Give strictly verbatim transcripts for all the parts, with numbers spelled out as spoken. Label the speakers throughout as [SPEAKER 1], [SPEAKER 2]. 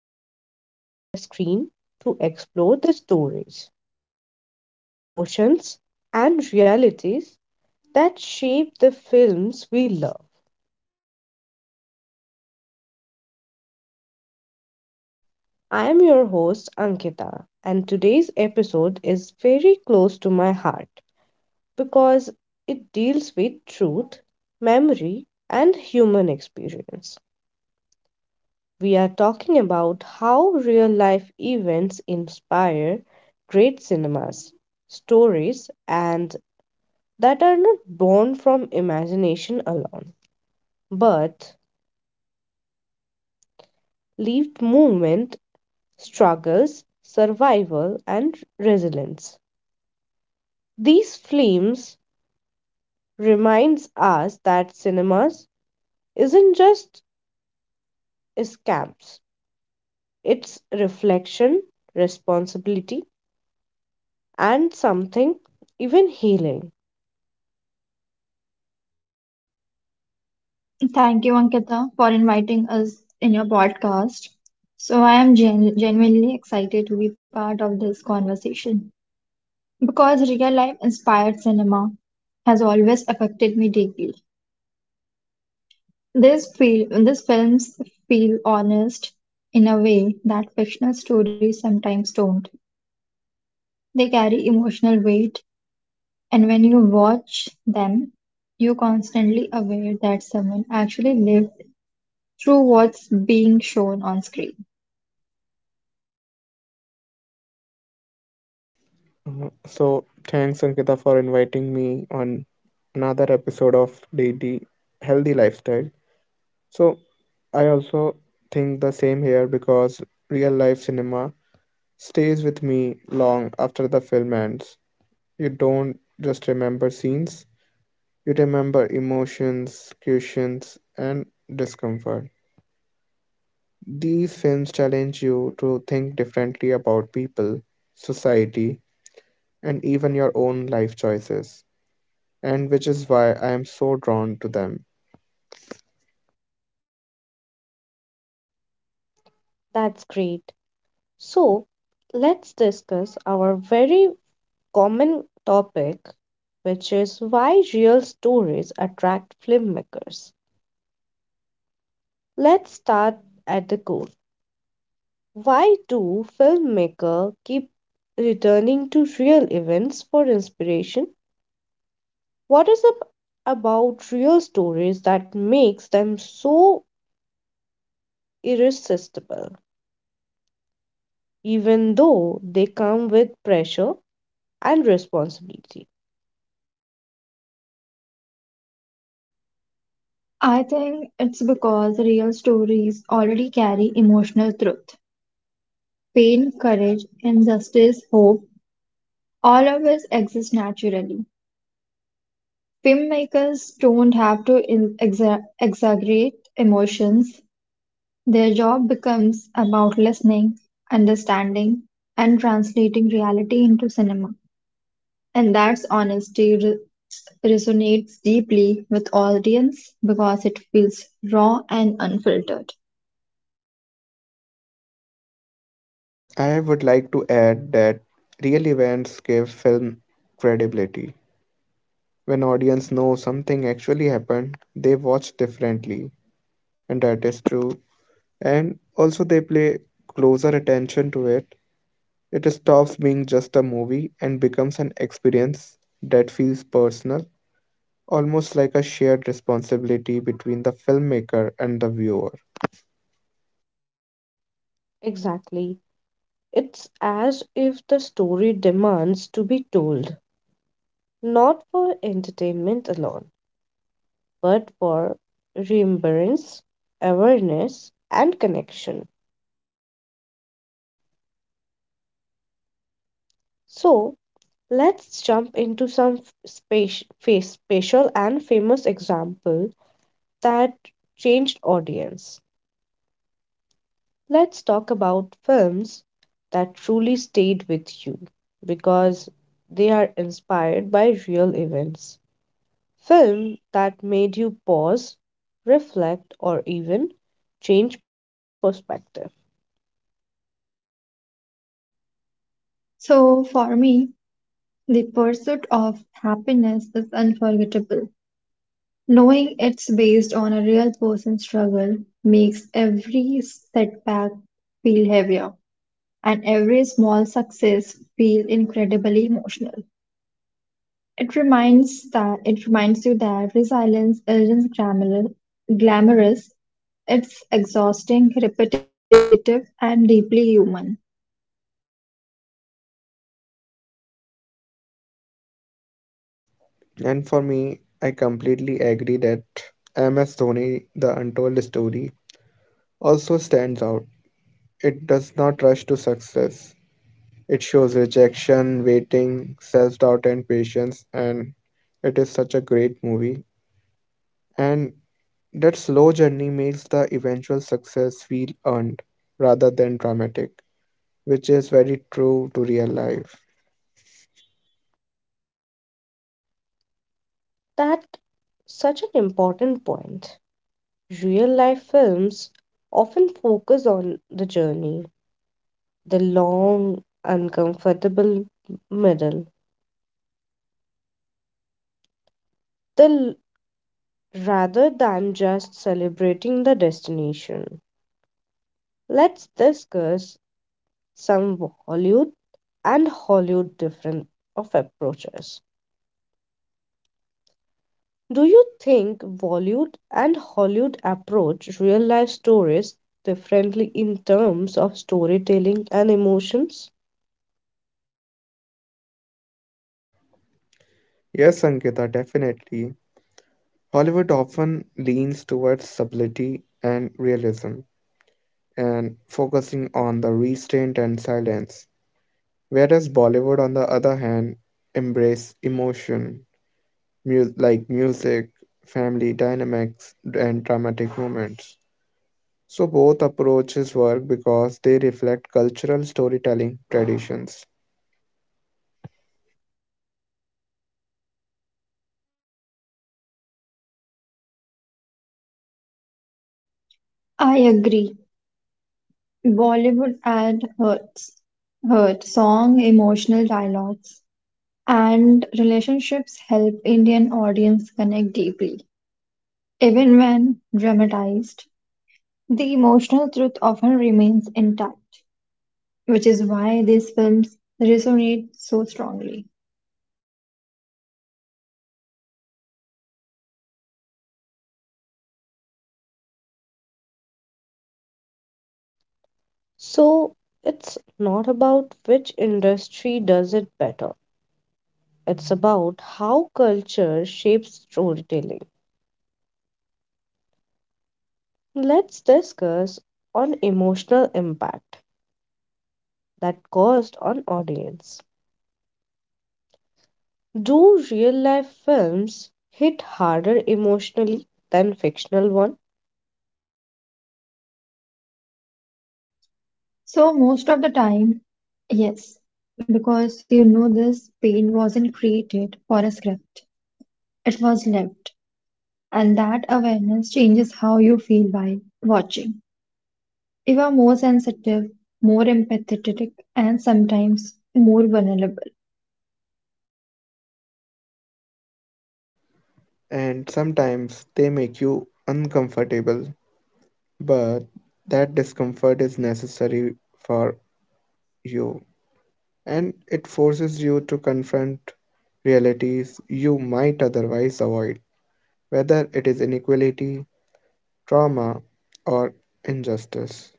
[SPEAKER 1] we go beyond the screen to explore the stories, emotions, and realities that shape the films we love. I am your host, Ankita, and today's episode is very close to my heart because it deals with truth, memory, and human experience. We are talking about how real life events inspire great cinemas, stories, and that are not born from imagination alone, but lived movement, struggles, survival, and resilience. These films reminds us that cinemas isn't just escapes; it's reflection, responsibility, and something even healing.
[SPEAKER 2] Thank you, Ankita, for inviting us in your podcast. So, I am gen- genuinely excited to be part of this conversation because real life inspired cinema has always affected me deeply. This feel, these films feel honest in a way that fictional stories sometimes don't. They carry emotional weight, and when you watch them, you're constantly aware that someone actually lived through what's being shown on screen.
[SPEAKER 3] Uh, so thanks Ankita for inviting me on another episode of Daily Healthy Lifestyle. So I also think the same here because real life cinema stays with me long after the film ends. You don't just remember scenes, you remember emotions, questions, and discomfort. These films challenge you to think differently about people, society, and even your own life choices. And which is why I am so drawn to them.
[SPEAKER 1] That's great. So, let's discuss our very common topic, which is why real stories attract filmmakers. Let's start at the core. Why do filmmakers keep returning to real events for inspiration? What is it about real stories that makes them so irresistible, even though they come with pressure and responsibility?
[SPEAKER 2] I think it's because real stories already carry emotional truth. Pain, courage, injustice, hope, all of us exist naturally. Filmmakers don't have to in- exa- exaggerate emotions. Their job becomes about listening, understanding, and translating reality into cinema. And that's honesty re- resonates deeply with audience because it feels raw and unfiltered.
[SPEAKER 3] I would like to add that real events give film credibility. When audience know something actually happened, they watch differently, and that is true. And also they pay closer attention to it. It stops being just a movie and becomes an experience that feels personal, almost like a shared responsibility between the filmmaker and the viewer.
[SPEAKER 1] Exactly. It's as if the story demands to be told, not for entertainment alone, but for remembrance, awareness, and connection. So, let's jump into some space, special and famous example that changed audience. Let's talk about films that truly stayed with you because they are inspired by real events film that made you pause, reflect, or even change perspective.
[SPEAKER 2] So for me, The pursuit of happiness is unforgettable. Knowing it's based on a real person's struggle makes every setback feel heavier and every small success feel incredibly emotional. It reminds that it reminds you that resilience isn't glamour- glamorous, it's exhausting, repetitive, and deeply human.
[SPEAKER 3] And for me, I completely agree that M S Dhoni, The Untold Story, also stands out. It does not rush to success. It shows rejection, waiting, self doubt, and patience, and it is such a great movie. And that slow journey makes the eventual success feel earned rather than dramatic, which is very true to real life.
[SPEAKER 1] That's such an important point. Real life films often focus on the journey, the long, uncomfortable middle, the l- rather than just celebrating the destination. Let's discuss some Hollywood and Hollywood different of approaches. Do you think Bollywood and Hollywood approach real life stories differently in terms of storytelling and emotions?
[SPEAKER 3] Yes, Ankita, definitely. Hollywood often leans towards subtlety and realism, and focusing on the restraint and silence. Whereas Bollywood, on the other hand, embrace emotion, mu- like music, family dynamics, and dramatic moments. So both approaches work because they reflect cultural storytelling traditions,
[SPEAKER 2] I agree. Bollywood ad hurts. Hurt song, emotional dialogues, and relationships help Indian audience connect deeply. Even when dramatized, the emotional truth often remains intact, which is why these films resonate so strongly.
[SPEAKER 1] So it's not about which industry does it better. It's about how culture shapes storytelling. Let's discuss on emotional impact that caused on audience. Do real life films hit harder emotionally than fictional ones?
[SPEAKER 2] So most of the time, yes, because you know this pain wasn't created for a script. It was lived, and that awareness changes how you feel while watching. You are more sensitive, more empathetic, and sometimes more vulnerable.
[SPEAKER 3] and sometimes they make you uncomfortable, but that discomfort is necessary for you. And it forces you to confront realities you might otherwise avoid, whether it is inequality, trauma, or injustice.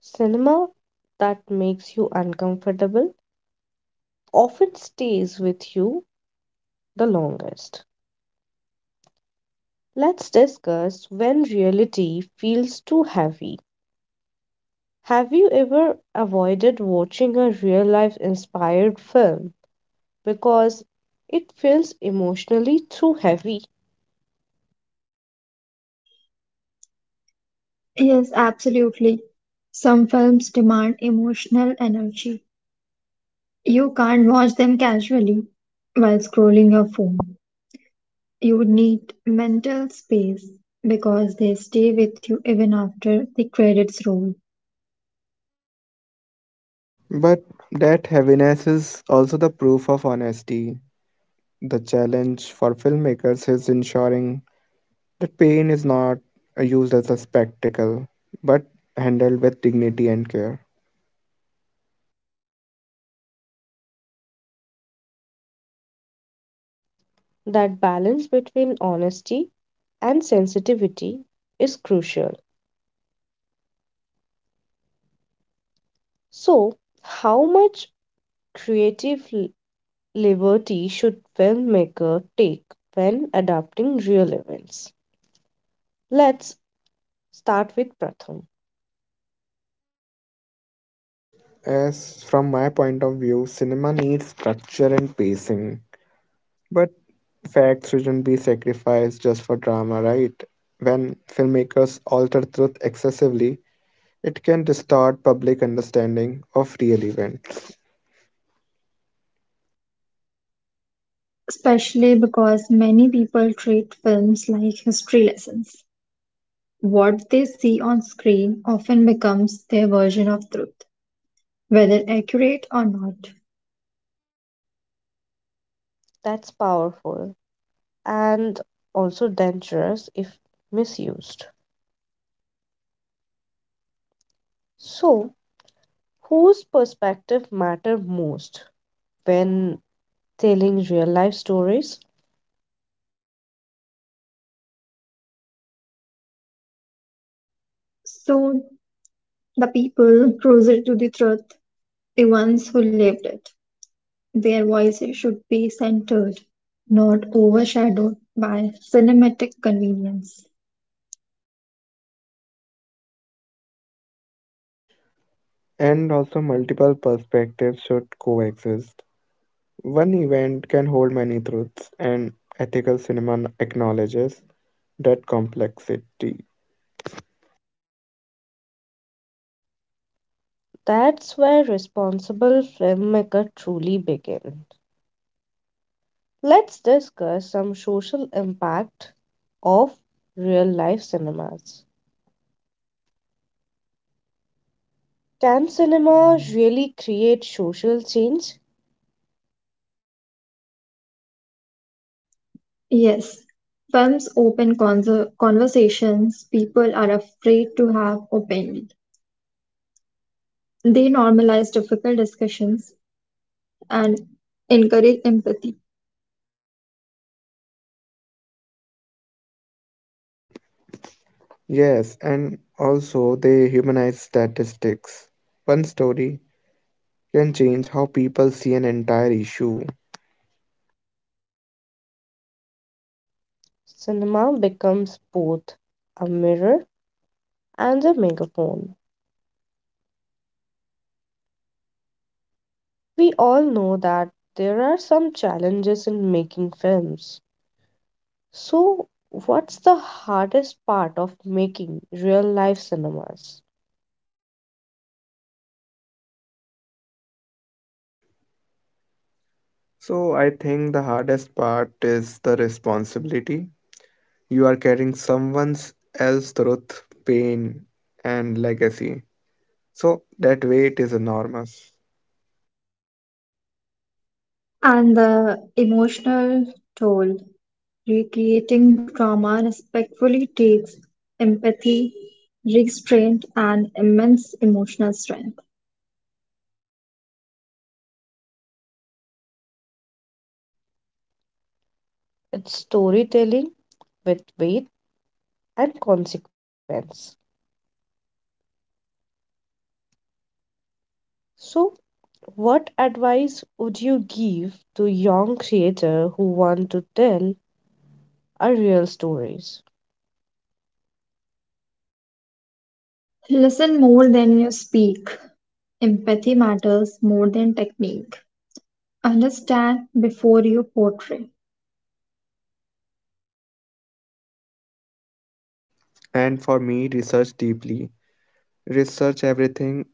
[SPEAKER 1] Cinema that makes you uncomfortable often stays with you the longest. Let's discuss when reality feels too heavy. Have you ever avoided watching a real life inspired film because it feels emotionally too heavy?
[SPEAKER 2] Yes, absolutely. Some films demand emotional energy. You can't watch them casually while scrolling your phone. You need mental space because they stay with you even after the credits roll.
[SPEAKER 3] But that heaviness is also the proof of honesty. The challenge for filmmakers is ensuring that pain is not used as a spectacle, but handled with dignity and care.
[SPEAKER 1] That balance between honesty and sensitivity is crucial. So, how much creative liberty should filmmaker take when adapting real events? Let's start with Pratham.
[SPEAKER 3] As from my point of view, cinema needs structure and pacing. But facts shouldn't be sacrificed just for drama, right? When filmmakers alter truth excessively, it can distort public understanding of real events.
[SPEAKER 2] Especially because many people treat films like history lessons. What they see on screen often becomes their version of truth. Whether accurate or not,
[SPEAKER 1] That's powerful and also dangerous if misused. So, whose perspective matter most when telling real life stories?
[SPEAKER 2] so the people closer to the truth, the ones who lived it, their voices should be centered, not overshadowed by cinematic convenience.
[SPEAKER 3] And also, multiple perspectives should coexist. One event can hold many truths, and ethical cinema acknowledges that complexity.
[SPEAKER 1] That's where responsible filmmaker truly begins. Let's discuss some social impact of real life cinemas. Can cinema really create social change?
[SPEAKER 2] Yes, films open conser- conversations people are afraid to have openly. They normalize difficult discussions and encourage empathy
[SPEAKER 3] Yes, and also they humanize statistics. One story can change how people see an entire issue.
[SPEAKER 1] Cinema becomes both a mirror and a megaphone. We all know that there are some challenges in making films. So, what's the hardest part of making real life cinemas?
[SPEAKER 3] So I think the hardest part is the responsibility. You are carrying someone's else truth, pain, and legacy. So that weight is enormous.
[SPEAKER 2] and the emotional toll. Recreating trauma respectfully takes empathy, restraint, and immense emotional strength.
[SPEAKER 1] It's storytelling with weight and consequence. So, what advice would you give to young creator who want to tell a real stories?
[SPEAKER 2] Listen more than you speak. Empathy matters more than technique. Understand before you portray.
[SPEAKER 3] And for me, research deeply. Research everything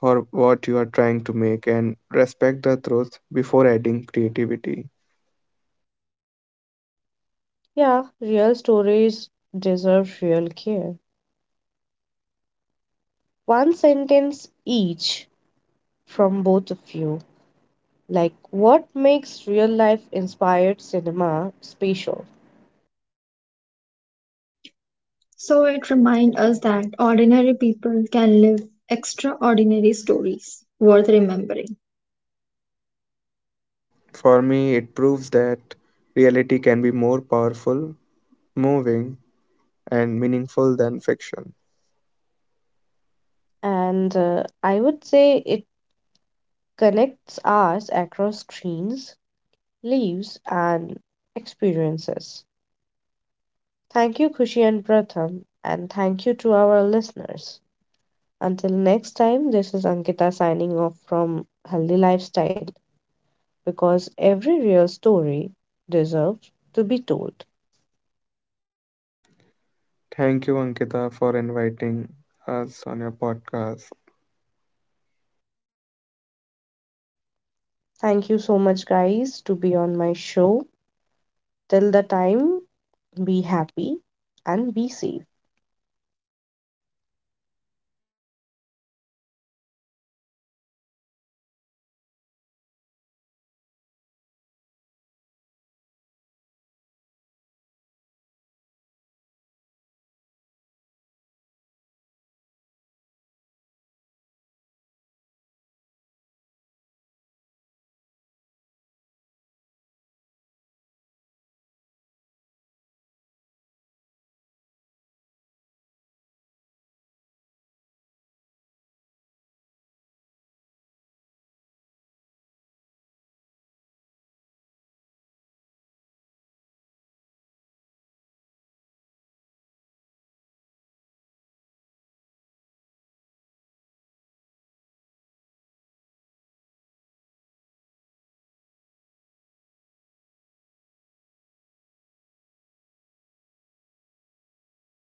[SPEAKER 3] for what you are trying to make and respect the truth before adding creativity.
[SPEAKER 1] Yeah, real stories deserve real care. One sentence each from both of you. Like, what makes real life inspired cinema special?
[SPEAKER 2] So it reminds us that ordinary people can live extraordinary stories worth remembering.
[SPEAKER 3] For me, it proves that reality can be more powerful, moving, and meaningful than fiction.
[SPEAKER 1] And uh, I would say it connects us across screens, leaves, and experiences. Thank you, Kushi and Pratham, and thank you to our listeners. Until next time, this is Ankita signing off from Healthy Lifestyle, because every real story deserves to be told.
[SPEAKER 3] Thank you, Ankita, for inviting us on your podcast.
[SPEAKER 1] Thank you so much, guys, to be on my show. Till the time, be happy and be safe.